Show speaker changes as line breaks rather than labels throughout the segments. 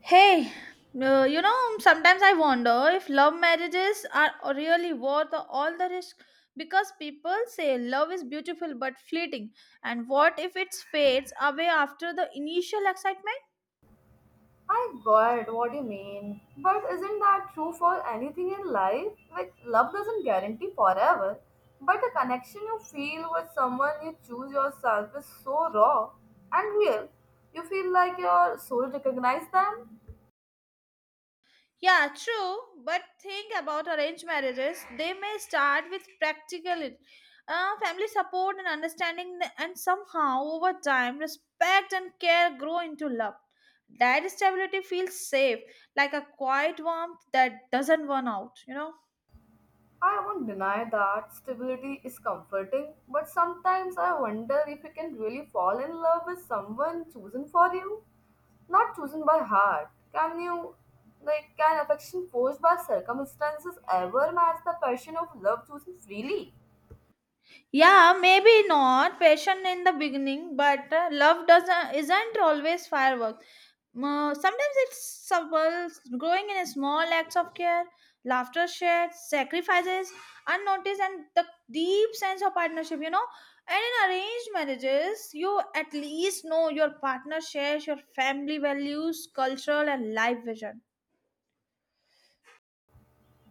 Hey, sometimes I wonder if love marriages are really worth all the risk because people say love is beautiful but fleeting, and what if it fades away after the initial excitement?
I got what you mean. But isn't that true for anything in life? Like, love doesn't guarantee forever. But the connection you feel with someone you choose yourself is so raw and real. You feel like your soul recognizes them.
Yeah, true. But think about arranged marriages. They may start with practical family support and understanding, and somehow over time, respect and care grow into love. That stability feels safe, like a quiet warmth that doesn't burn out, you know?
I won't deny that stability is comforting, but sometimes I wonder if you can really fall in love with someone chosen for you, not chosen by heart. Can you, like, can affection forced by circumstances ever match the passion of love chosen freely?
Yeah, maybe not passion in the beginning, but love doesn't isn't always fireworks. Sometimes it's subtle, growing in small acts of care, laughter shared, sacrifices unnoticed, and the deep sense of partnership. You know, and in arranged marriages, you at least know your partner shares your family values, cultural, and life vision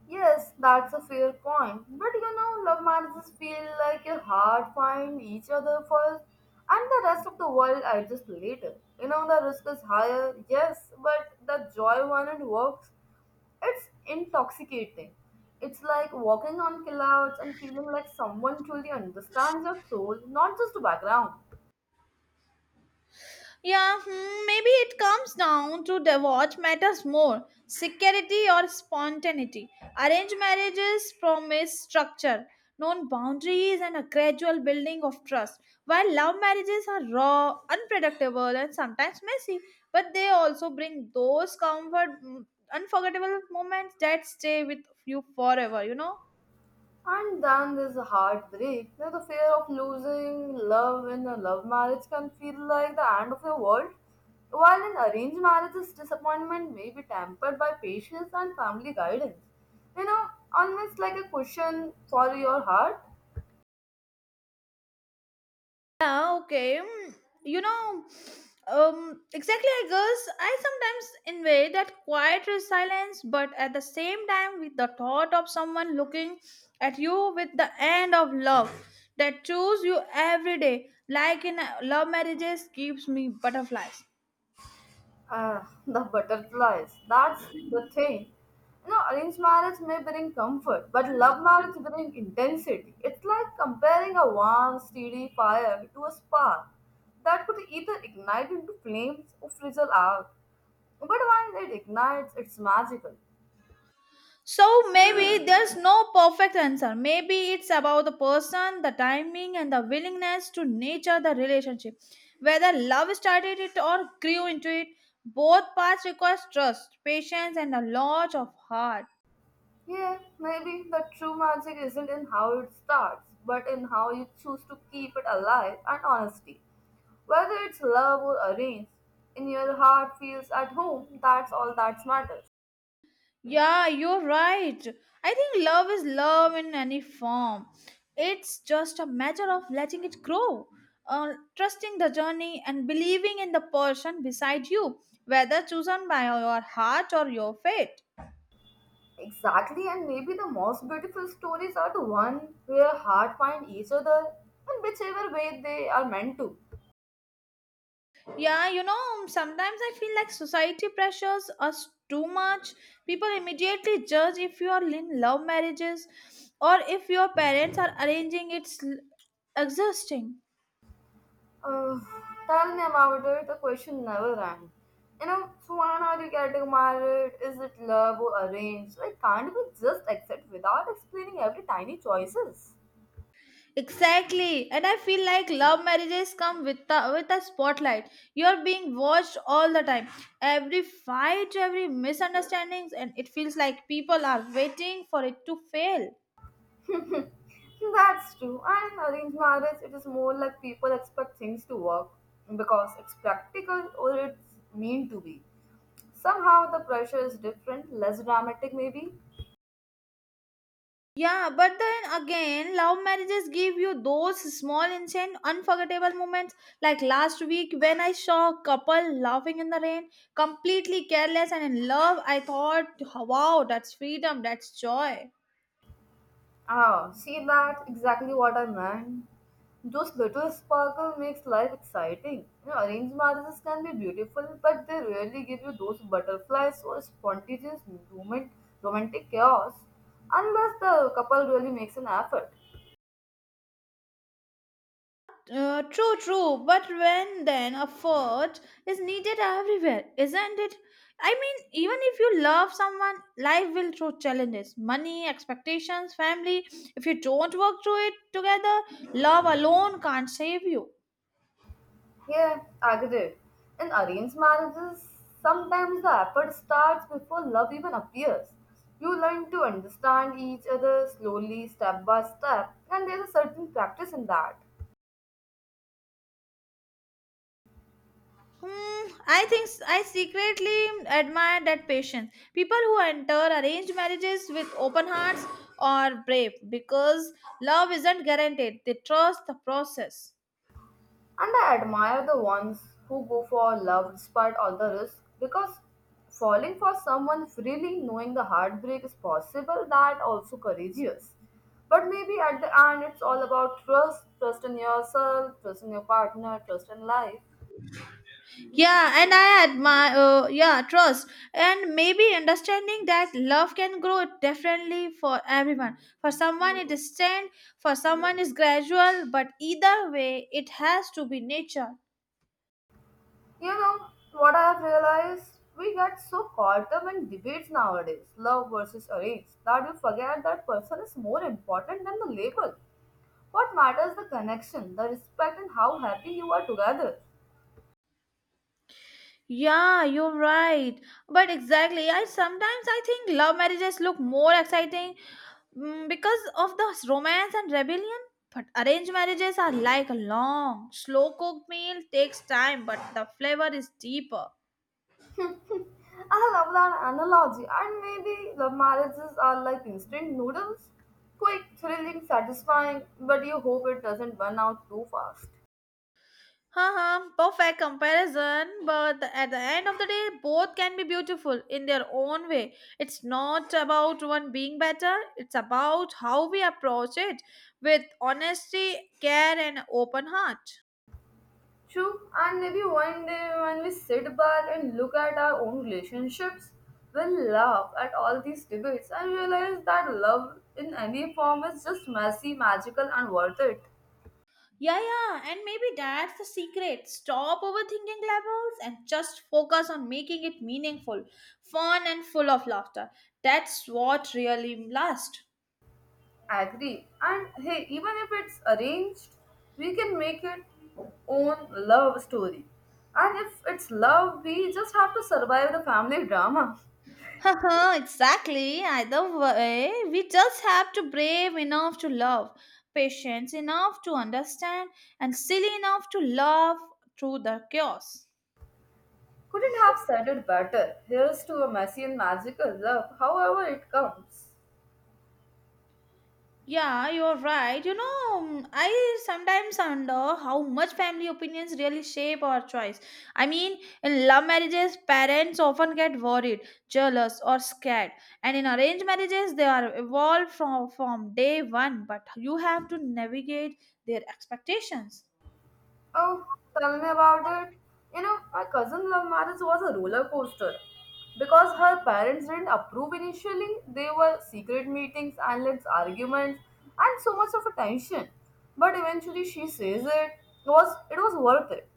Yes, that's a fair point. But you know, love marriages feel like your heart find each other first and the rest of the world adjusts later. You know, the risk is higher, yes, but the joy when it works, it's intoxicating. It's like walking on clouds and feeling like someone truly understands your soul, not just the background.
Yeah, hmm, maybe it comes down to the what matters more security or spontaneity. Arranged marriages promise structure, known boundaries, and a gradual building of trust, while love marriages are raw, unpredictable, and sometimes messy, but they also bring those comfort, mm, unforgettable moments that stay with you forever.
And then there's a heartbreak. You know, the fear of losing love in a love marriage can feel like the end of your world. While in arranged marriages, disappointment may be tempered by patience and family guidance. You know, almost like a cushion for your heart.
Yeah, okay. You know, exactly, I guess I sometimes envy that quiet silence, but at the same time, with the thought of someone looking at you with the end of love that choose you every day, like in love marriages, gives me butterflies.
Ah, the butterflies. That's the thing. You know, arranged marriage may bring comfort, but love marriage brings intensity. It's like comparing a warm, steady fire to a spark that could either ignite into flames or fizzle out. But when it ignites, it's magical.
So maybe there's no perfect answer. Maybe it's about the person, the timing, and the willingness to nature the relationship. Whether love started it or grew into it, both paths require trust, patience, and a lot of heart.
Yeah, maybe the true magic isn't in how it starts, but in how you choose to keep it alive and honesty. Whether it's love or arranged, in your heart feels at home, that's all that matters.
Yeah, you're right. I think love is love in any form. It's just a matter of letting it grow, trusting the journey, and believing in the person beside you, whether chosen by your heart or your fate.
Exactly, and maybe the most beautiful stories are the one where heart find each other in whichever way they are meant to.
Yeah, you know, sometimes I feel like society pressures us too much. People immediately judge if you are in love marriages or if your parents are arranging existing.
Uh, Tell me about it. The question never ends. You know, so when are you getting married? Is it love or arranged? Like, can't we just accept without explaining every tiny choices?
Exactly. And I feel like love marriages come with a spotlight. You're being watched all the time. Every fight, every misunderstandings, and it feels like people are waiting for it to fail.
That's true. And in arranged marriage, it is more like people expect things to work because it's practical or it's mean to be. Somehow the pressure is different, less dramatic maybe.
Yeah, but then again, love marriages give you those small, insane, unforgettable moments. Like last week, when I saw a couple laughing in the rain, completely careless and in love, I thought, wow, that's freedom, that's joy.
Ah, see that exactly what I meant. Those little sparkle makes life exciting. You know, arranged marriages can be beautiful, but they rarely give you those butterflies or spontaneous movement, romantic chaos, unless the couple really makes an effort.
True, true. But when then effort is needed everywhere, isn't it? I mean, even if you love someone, life will throw challenges, money, expectations, family. If you don't work through it together, love alone can't save you.
Yeah, agree. In arranged marriages, sometimes the effort starts before love even appears. You learn to understand each other slowly, step by step, and there's a certain practice in that.
Hmm, I think I secretly admire that patience. People who enter arranged marriages with open hearts are brave because love isn't guaranteed. They trust the process.
And I admire the ones who go for love despite all the risks because falling for someone freely knowing the heartbreak is possible that also courageous. But maybe at the end it's all about trust, trust in yourself, trust in your partner, trust in life.
Yeah, and I admire. Yeah, trust and maybe understanding that love can grow differently for everyone. For someone, it is stand. For someone, it's gradual. But either way, it has to be nature.
You know what I have realized? We get so caught up in debates nowadays, love versus arrange, that we forget that person is more important than the label. What matters the connection, the respect, and how happy you are together.
Yeah, you're right. But exactly, I think love marriages look more exciting, because of the romance and rebellion. But arranged marriages are like a long, slow-cooked meal, takes time, but the flavor is deeper.
I love that analogy, and maybe love marriages are like instant noodles quick, thrilling, satisfying, but you hope it doesn't burn out too fast.
Haha, perfect comparison. At the end of the day, both can be beautiful in their own way. It's not about one being better. It's about how we approach it with honesty, care, and open heart.
True, and maybe one day when we sit back and look at our own relationships, we'll laugh at all these debates and realize that love in any form is just messy, magical, and worth it.
Yeah, yeah, and maybe that's the secret. Stop overthinking levels and just focus on making it meaningful, fun, and full of laughter. That's what really lasts.
Agree. And hey, even if it's arranged, we can make it own love story. And if it's love, we just have to survive the family drama.
Haha, exactly. Either way, we just have to brave enough to love, patience enough to understand, and silly enough to laugh through the chaos.
Couldn't have said it better. Here's to a messy and magical love, however it comes.
Yeah, you're right. You know, I sometimes wonder how much family opinions really shape our choice. I mean, in love marriages, parents often get worried, jealous, or scared. And in arranged marriages, they are evolved from day one, but you have to navigate their expectations.
Oh, tell me about it. You know, my cousin love marriage was a roller coaster. Because her parents didn't approve initially, there were secret meetings, endless arguments, and so much of attention. But eventually she says it was worth it.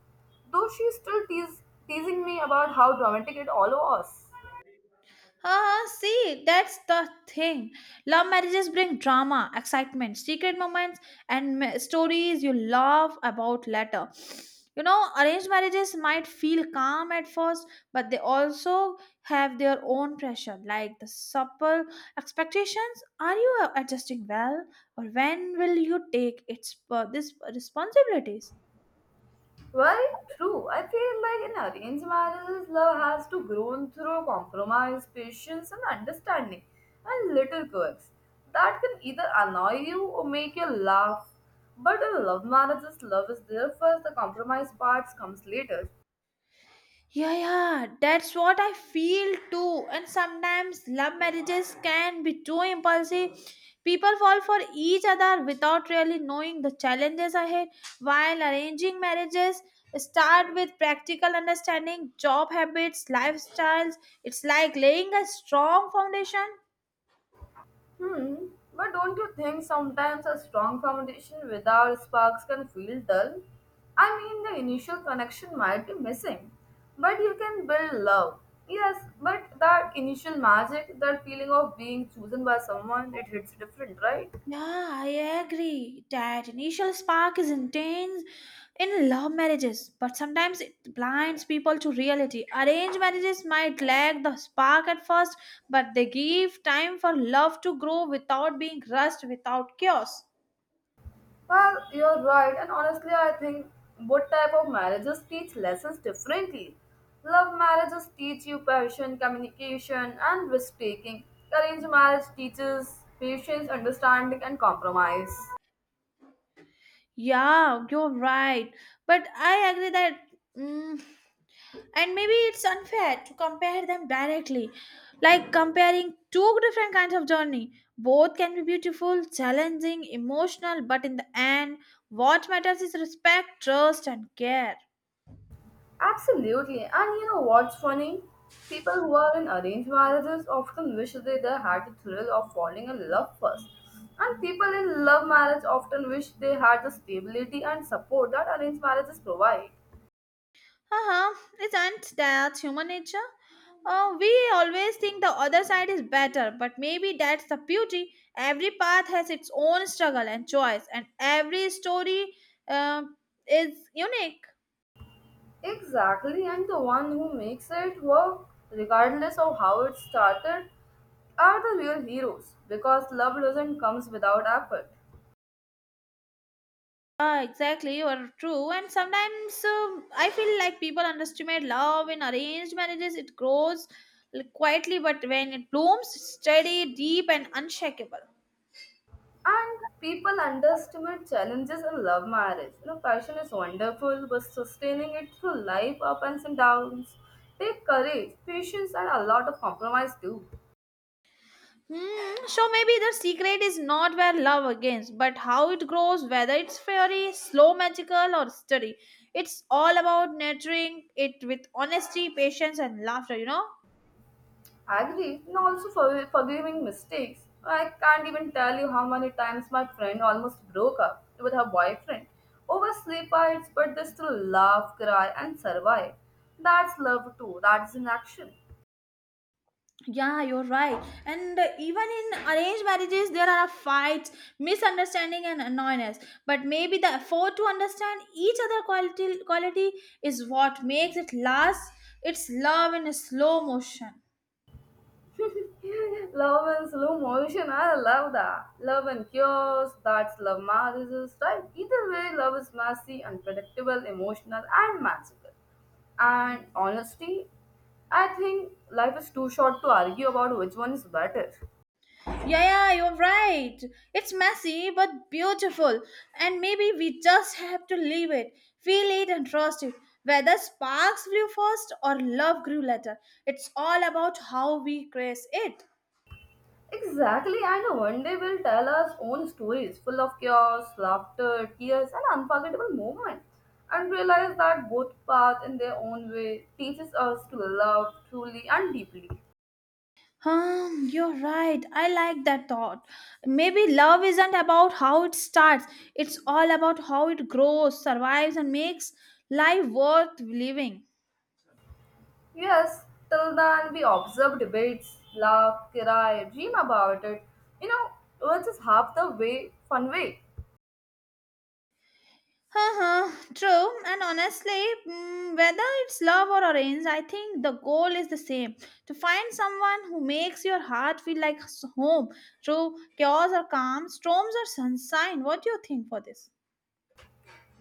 Though she's still teasing me about how dramatic it all was.
Ah, see, that's the thing. Love marriages bring drama, excitement, secret moments, and stories you laugh about later. You know, arranged marriages might feel calm at first, but they also have their own pressure, like the supple expectations. Are you adjusting well, or when will you take its this responsibilities?
Very true. I feel like in arranged marriages, love has to grow through compromise, patience, and understanding, and little quirks that can either annoy you or make you laugh. But in love marriages, love is there first, the compromise parts comes later.
Yeah, yeah, that's what I feel too. And sometimes love marriages can be too impulsive. People fall for each other without really knowing the challenges ahead, while arranging marriages start with practical understanding, job habits, lifestyles. It's like laying a strong foundation.
Hmm. But don't you think sometimes a strong foundation without sparks can feel dull? I mean, the initial connection might be missing, but you can build love. Yes, but that initial magic, that feeling of being chosen by someone, it hits different, right?
Yeah, I agree. That initial spark is intense in love marriages, but sometimes it blinds people to reality. Arranged marriages might lack the spark at first, but they give time for love to grow without being rushed, without chaos.
Well, you're right, and honestly, I think both type of marriages teach lessons differently. Love marriages teach you passion, communication, and risk taking. Arranged marriage teaches patience, understanding, and compromise.
Yeah, you're right. But I agree that. Mm, and maybe it's unfair to compare them directly, like comparing two different kinds of journey. Both can be beautiful, challenging, emotional, but in the end what matters is respect, trust, and care.
Absolutely, and you know what's funny? People who are in arranged marriages often wish they had the thrill of falling in love first. And people in love marriage often wish they had the stability and support that arranged marriages provide.
Uh-huh, isn't that human nature? We always think the other side is better, but maybe that's the beauty. Every path has its own struggle and choice, and every story, uh, is unique.
Exactly, and the one who makes it work, regardless of how it started, are the real heroes because love doesn't comes without effort.
Ah, exactly, you are true. And sometimes I feel like people underestimate love in arranged marriages. It grows, like, quietly, but when it blooms, it's steady, deep, and unshakable.
And people underestimate challenges in love marriage. You know, passion is wonderful, but sustaining it through life ups and downs take courage, patience, and a lot of compromise too.
Hmm. So maybe the secret is not where love begins, but how it grows, whether it's fiery, slow, magical, or steady. It's all about nurturing it with honesty, patience, and laughter. You know.
Agree, and also for forgiving mistakes. I can't even tell you how many times my friend almost broke up with her boyfriend over sleep fights, but they still laugh, cry, and survive. That's love too. That's in action.
Yeah, you're right. And even in arranged marriages, there are fights, misunderstanding, and annoyance. But maybe the effort to understand each other quality is what makes it last. It's love in slow motion.
Love in slow motion. I love that. Love and cures. That's love marriages, right? Either way, love is messy, unpredictable, emotional, and magical. And honestly, I think life is too short to argue about which one is better.
Yeah, yeah, you're right. It's messy but beautiful, and maybe we just have to leave it, feel it, and trust it. Whether sparks flew first or love grew later, it's all about how we grace it.
Exactly, and one day we'll tell our own stories full of chaos, laughter, tears, and unforgettable moments. And realize that both paths, in their own way, teaches us to love truly and deeply.
You're right. I like that thought. Maybe love isn't about how it starts, it's all about how it grows, survives, and makes life worth living.
Yes, till then we observe debates, laugh, cry, dream about it, you know, which is half the way, fun way.
Uh-huh, true. And honestly, whether it's love or arranged, I think the goal is the same, to find someone who makes your heart feel like home through chaos or calm, storms or sunshine. What do you think for this?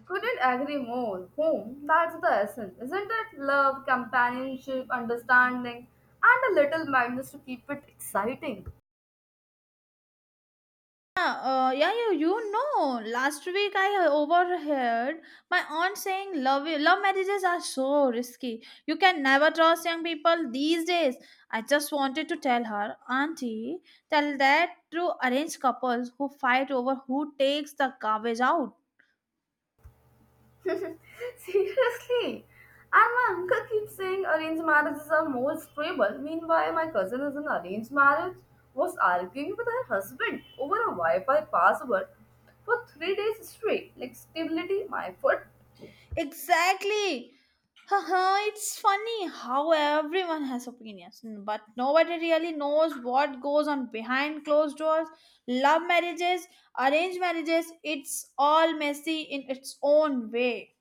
Couldn't agree more. Home, that's the essence, isn't it? Love, companionship, understanding, and a little madness to keep it exciting.
Yeah, yeah, you know, last week I overheard my aunt saying love marriages are so risky. You can never trust young people these days. I just wanted to tell her, Auntie, tell that to arranged couples who fight over who takes the garbage out.
Seriously? And my uncle keeps saying arranged marriages are more stable. Meanwhile, my cousin is in arranged marriage, was arguing with her husband over a Wi Fi password for 3 days straight. Like, stability, my foot.
Exactly. Haha, it's funny how everyone has opinions, but nobody really knows what goes on behind closed doors. Love marriages, arranged marriages, it's all messy in its own way.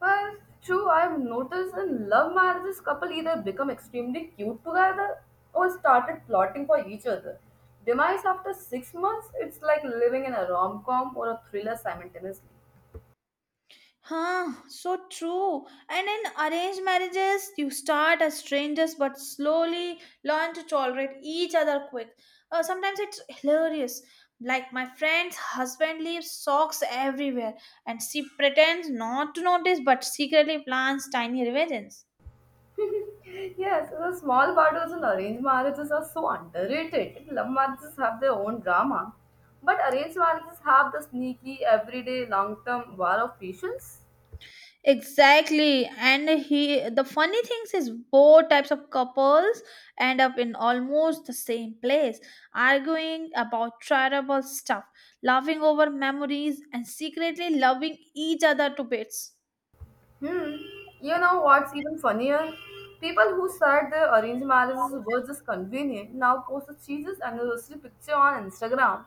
Well, true, I've noticed in love marriages, couple either become extremely cute together or started plotting for each other. Demise after 6 months, it's like living in a rom com or a thriller simultaneously.
Huh, so true. And in arranged marriages, you start as strangers but slowly learn to tolerate each other quick. Sometimes it's hilarious. Like my friend's husband leaves socks everywhere and she pretends not to notice but secretly plans tiny revenges.
Yes, so the small battles and arranged marriages are so underrated. Love marriages have their own drama, but arranged marriages have the sneaky, everyday, long term war of patience.
Exactly. And he the funny things is both types of couples end up in almost the same place, arguing about terrible stuff, laughing over memories, and secretly loving each other to bits.
Hmm. You know what's even funnier? People who said their arranged marriages were just convenient now post a Jesus anniversary picture on Instagram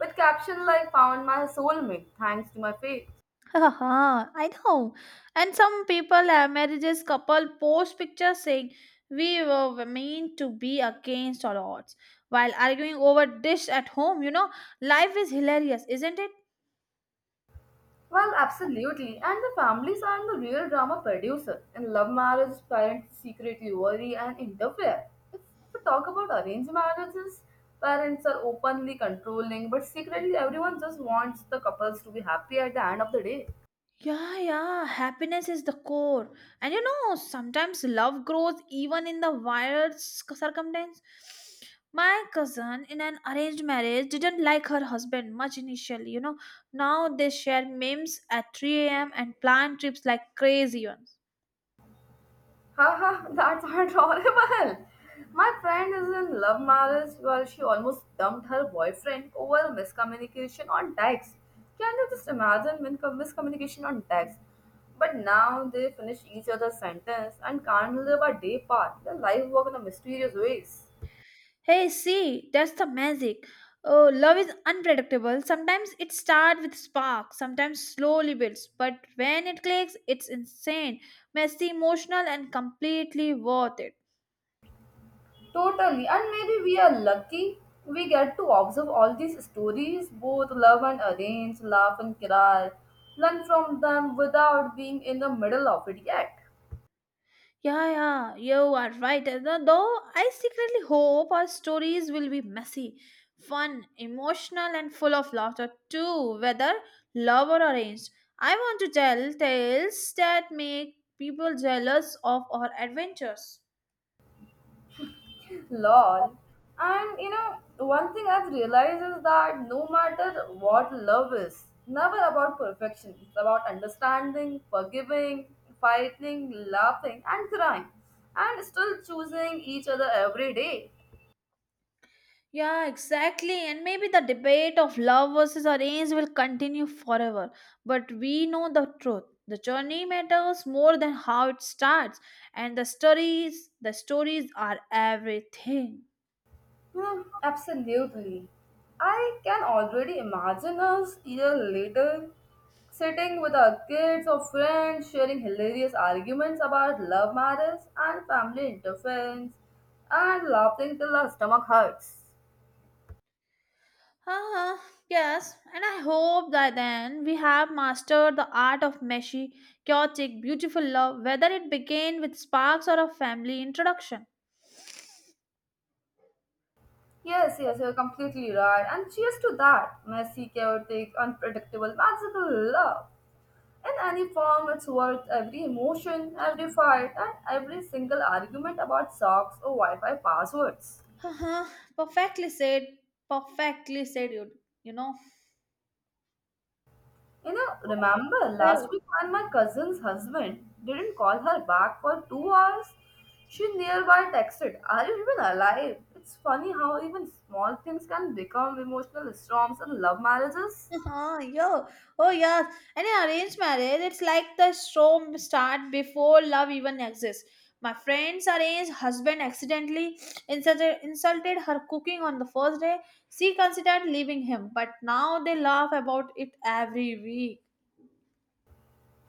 with caption like "Found my soulmate thanks to my faith."
Haha, I know. And some people have marriages couple post pictures saying we were meant to be against all odds while arguing over dish at home. You know, life is hilarious, isn't it?
Well, absolutely. And the families are the real drama producer. In love marriage, parents secretly worry and interfere. If we talk about arranged marriages, parents are openly controlling, but secretly everyone just wants the couples to be happy at the end of the day.
Yeah, yeah, happiness is the core. And you know, sometimes love grows even in the weirdest circumstance. My cousin in an arranged marriage didn't like her husband much initially, you know. Now they share memes at 3 a.m. and plan trips like crazy ones.
Haha, that's adorable. My friend is in love marriage while she almost dumped her boyfriend over miscommunication on text. Can you just imagine miscommunication on text? But now they finish each other's sentence and can't live a day apart. Their life work in a mysterious ways.
Hey, see, that's the magic. Oh, love is unpredictable. Sometimes it starts with spark, sometimes slowly builds, but when it clicks, it's insane, messy, emotional, and completely worth it.
Totally, and maybe we are lucky. We get to observe all these stories, both love and arrange, laugh and cry, learn from them without being in the middle of it yet.
Yeah, yeah, you are right. Though I secretly hope our stories will be messy, fun, emotional, and full of laughter too, whether love or arranged. I want to tell tales that make people jealous of our adventures.
Lol. And you know, one thing I've realized is that no matter what love is, never about perfection. It's about understanding, forgiving, fighting, laughing, and crying, and still choosing each other every day.
Yeah, exactly. And maybe the debate of love versus arrange will continue forever. But we know the truth. The journey matters more than how it starts. And the stories are everything.
Hmm, absolutely. I can already imagine us year later sitting with our kids or friends sharing hilarious arguments about love matters and family interference and laughing till our stomach hurts.
Uh-huh. Yes, and I hope that then we have mastered the art of meshy, chaotic, beautiful love, whether it began with sparks or a family introduction.
Yes, yes, you're completely right. And cheers to that messy, chaotic, unpredictable, magical love. In any form, it's worth every emotion, every fight, and every single argument about socks or Wi Fi passwords.
Uh-huh. Perfectly said. Perfectly said, you know.
You know, remember last week when my cousin's husband didn't call her back for 2 hours? She nearby texted, Are you even alive? It's funny how even small things can become emotional storms in love marriages.
Oh, yo. Oh, yes. And in arranged marriage, it's like the show start before love even exists. My friend's arranged husband accidentally insulted her cooking on the first day. She considered leaving him, but now they laugh about it every week.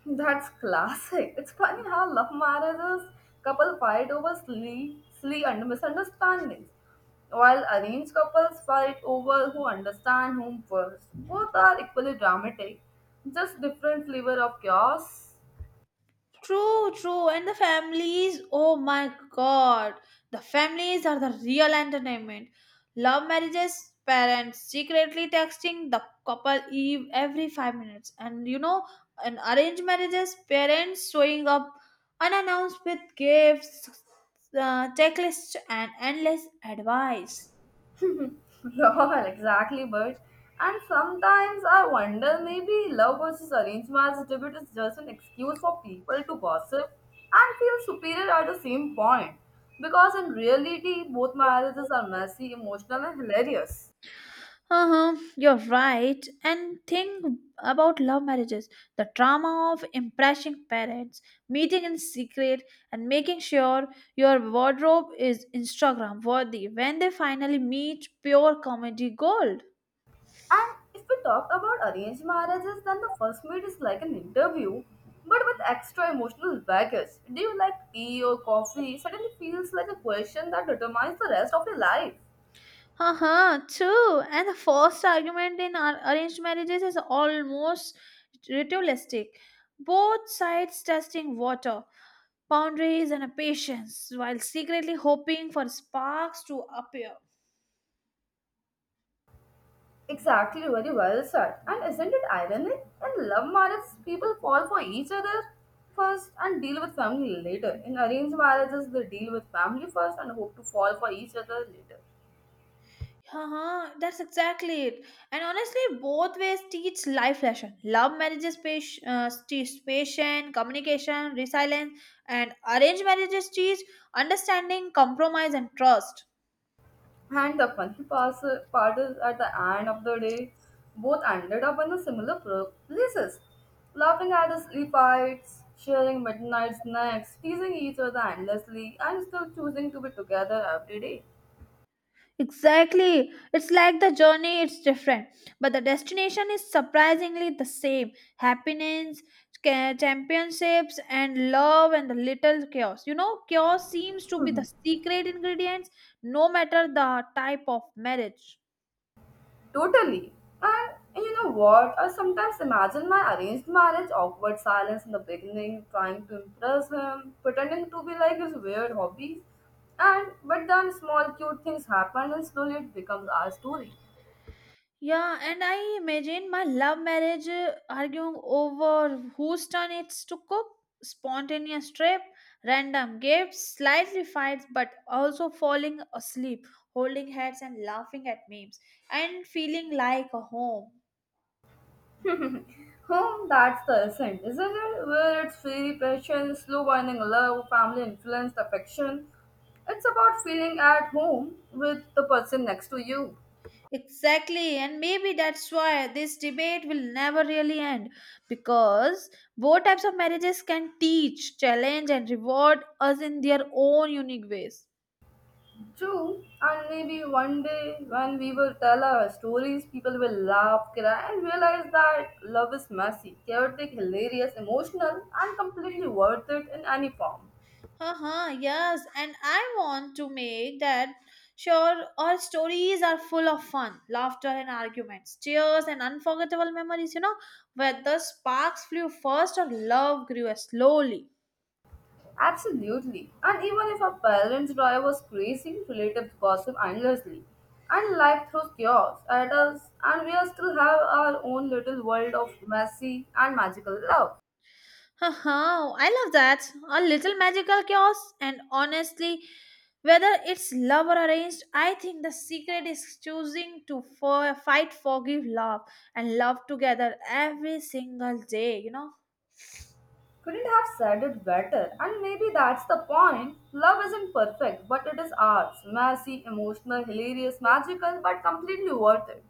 That's classic. It's funny how love marriages couple fight over silly under misunderstandings, while arranged couples fight over who understand whom first. Both are equally dramatic, just different flavor of chaos.
True, true. And the families, oh my god. The families are the real entertainment. Love marriages, parents secretly texting the couple every 5 minutes. In arranged marriages, parents showing up unannounced with gifts, checklists, and endless advice.
Lol, exactly, but and sometimes I wonder maybe love versus arranged marriage debate is just an excuse for people to gossip and feel superior at the same point. Because in reality, both marriages are messy, emotional, and hilarious.
Uh-huh, you're right. And think about love marriages. The trauma of impressing parents, meeting in secret, and making sure your wardrobe is Instagram worthy when they finally meet pure comedy gold.
And if we talk about arranged marriages, then the first meet is like an interview, but with extra emotional baggage. Do you like tea or coffee? Suddenly feels like a question that determines the rest of your life.
Uh-huh, true. And the first argument in arranged marriages is almost ritualistic. Both sides testing water boundaries and a patience while secretly hoping for sparks to appear.
Exactly, very well said. And isn't it ironic? In love marriage, people fall for each other first and deal with family later. In arranged marriages, they deal with family first and hope to fall for each other later.
Uh-huh, that's exactly it. And honestly, both ways teach life lesson. Love marriages teach teach patience, communication, resilience, and arranged marriages teach understanding, compromise, and trust.
And the funny part is at the end of the day, both ended up in the similar places. Laughing at the sleep fights, sharing midnight snacks, teasing each other endlessly, and still choosing to be together every day.
Exactly. It's like the journey, it's different. But the destination is surprisingly the same. Happiness, championships, and love, and the little chaos. Chaos seems to be the secret ingredients, no matter the type of marriage.
Totally. And you know what? I sometimes imagine my arranged marriage, awkward silence in the beginning, trying to impress him, pretending to be like his weird hobbies. And but then small cute things happen and slowly it becomes our story.
Yeah, and I imagine my love marriage arguing over whose turn it's to cook, spontaneous trip, random gifts, slightly fights, but also falling asleep, holding heads and laughing at memes, and feeling like a home.
Hmm, that's the essence, isn't it? Where it's fairy passion, slow winding love, family influenced affection. It's about feeling at home with the person next to you.
Exactly, and maybe that's why this debate will never really end because both types of marriages can teach, challenge, and reward us in their own unique ways.
True, and maybe one day when we will tell our stories, people will laugh, cry, and realize that love is messy, chaotic, hilarious, emotional, and completely worth it in any form.
Uh-huh, yes, and I want to make that sure our stories are full of fun, laughter and arguments, cheers and unforgettable memories, where the sparks flew first or love grew slowly.
Absolutely. And even if our parents drive us crazy, relatives gossip endlessly, and life throws chaos at us, and we are still have our own little world of messy and magical love.
Haha, I love that. A little magical chaos and honestly, whether it's love or arranged, I think the secret is choosing to fight, forgive, love and love together every single day.
Couldn't have said it better, and maybe that's the point. Love isn't perfect, but it is ours. Messy, emotional, hilarious, magical, but completely worth it.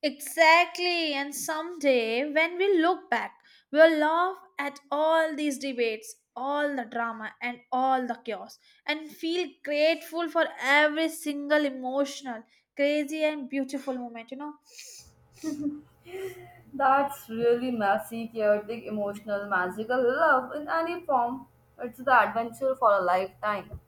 Exactly, and someday when we look back, we'll laugh at all these debates, all the drama, and all the chaos, and feel grateful for every single emotional, crazy, and beautiful moment.
That's really messy, chaotic, emotional, magical love in any form. It's the adventure for a lifetime.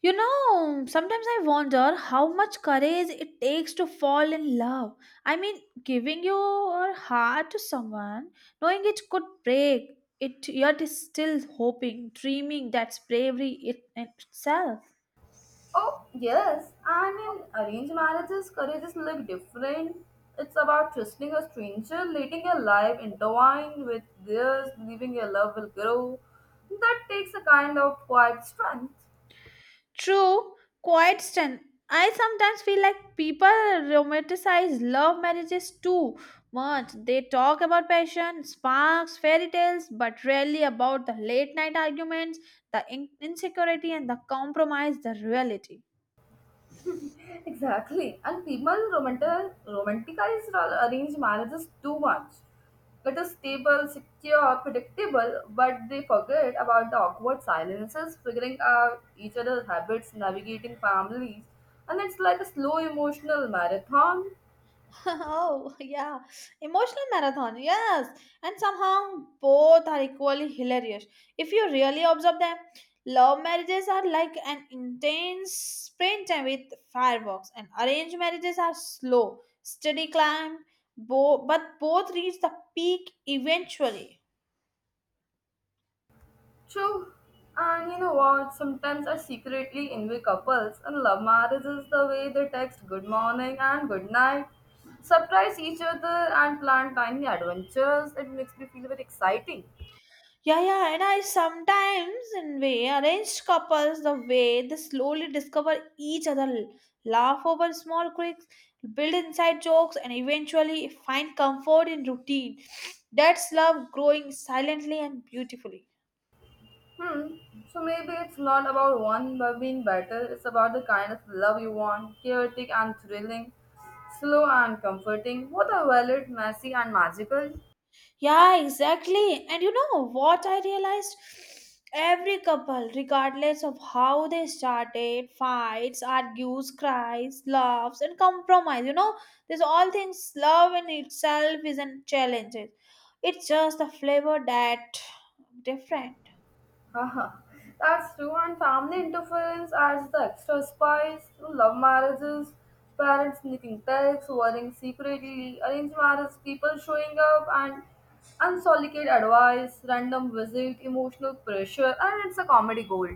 You know, sometimes I wonder how much courage it takes to fall in love. I mean, giving your heart to someone, knowing it could break, it yet is still hoping, dreaming that's bravery it, in itself.
Oh, yes. And in arranged marriages, courages look different. It's about trusting a stranger, letting your life intertwine with theirs, believing your love will grow. That takes a kind of quiet strength.
True, quite stun. I sometimes feel like people romanticize love marriages too much. They talk about passion, sparks, fairy tales, but rarely about the late night arguments, the insecurity, and the compromise, the reality.
Exactly. And people romanticize arranged marriages too much. It is stable, secure, predictable, but they forget about the awkward silences, figuring out each other's habits, navigating families, and it's like a slow emotional marathon.
Oh, yeah. Emotional marathon, yes. And somehow both are equally hilarious. If you really observe them, love marriages are like an intense sprint with fireworks, and arranged marriages are slow, steady climb, but both reach the peak eventually.
True. And you know what? Sometimes I secretly envy couples and love marriages the way they text good morning and good night, surprise each other, and plan tiny adventures. It makes me feel very exciting.
Yeah, and I sometimes, in way, arranged couples the way they slowly discover each other, laugh over small quirks, build inside jokes, and eventually find comfort in routine. That's love growing silently and beautifully.
Hmm. So maybe it's not about one but being better. It's about the kind of love you want chaotic and thrilling, slow and comforting, both are valid, messy and magical.
Yeah, exactly. And you know what I realized? Every couple, regardless of how they started, fights, argues, cries, loves, and compromise, these all things, love in itself isn't challenge. It's just the flavor that different.
Haha, that's true, and family interference adds the extra spice. Through love marriages, parents sneaking texts, worrying secretly, arranged marriage, people showing up, and unsolicited advice, random visit, emotional pressure, and it's a comedy gold.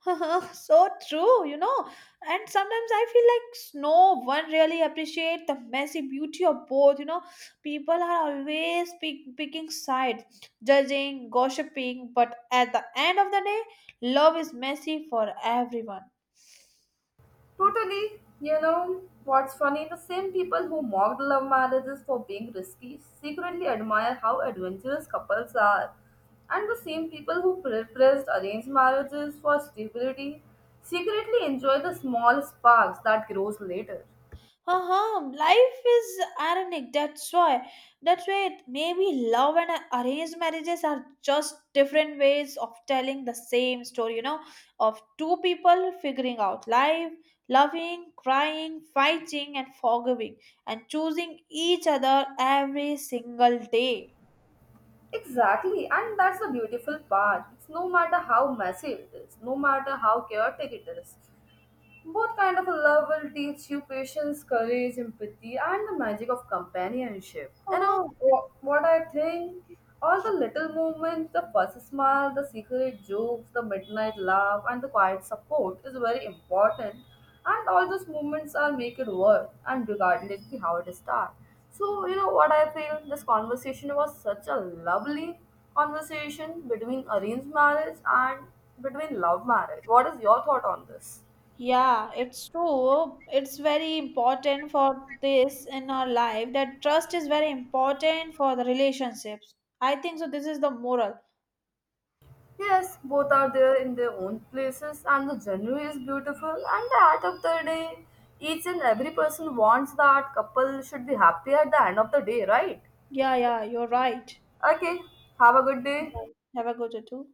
So true, you know. And sometimes I feel like no one really appreciate the messy beauty of both, you know. People are always picking sides, judging, gossiping, but at the end of the day, love is messy for everyone.
Totally. You know what's funny? The same people who mocked love marriages for being risky secretly admire how adventurous couples are. And the same people who praised arranged marriages for stability secretly enjoy the small sparks that grows later.
Uh-huh, life is ironic, that's why it maybe love and arranged marriages are just different ways of telling the same story, of two people figuring out life, loving, crying, fighting and forgiving, and choosing each other every single day.
Exactly, and that's the beautiful part. It's no matter how messy it is, no matter how chaotic it is. What kind of a love will teach you patience, courage, empathy, and the magic of companionship? You
Uh-huh.
know what I think? All the little moments, the first smile, the secret jokes, the midnight laugh, and the quiet support is very important. And all those moments are make it worth and regardless of how it start. So you know what I feel? This conversation was such a lovely conversation between arranged marriage and between love marriage. What is your thought on this?
Yeah, it's true. It's very important for this in our life that trust is very important for the relationships. I think so. This is the moral.
Yes, both are there in their own places, and the journey is beautiful. And at the end of the day, each and every person wants that couple should be happy at the end of the day, right?
Yeah, you're right.
Okay, have a good day.
Right. Have a good day too.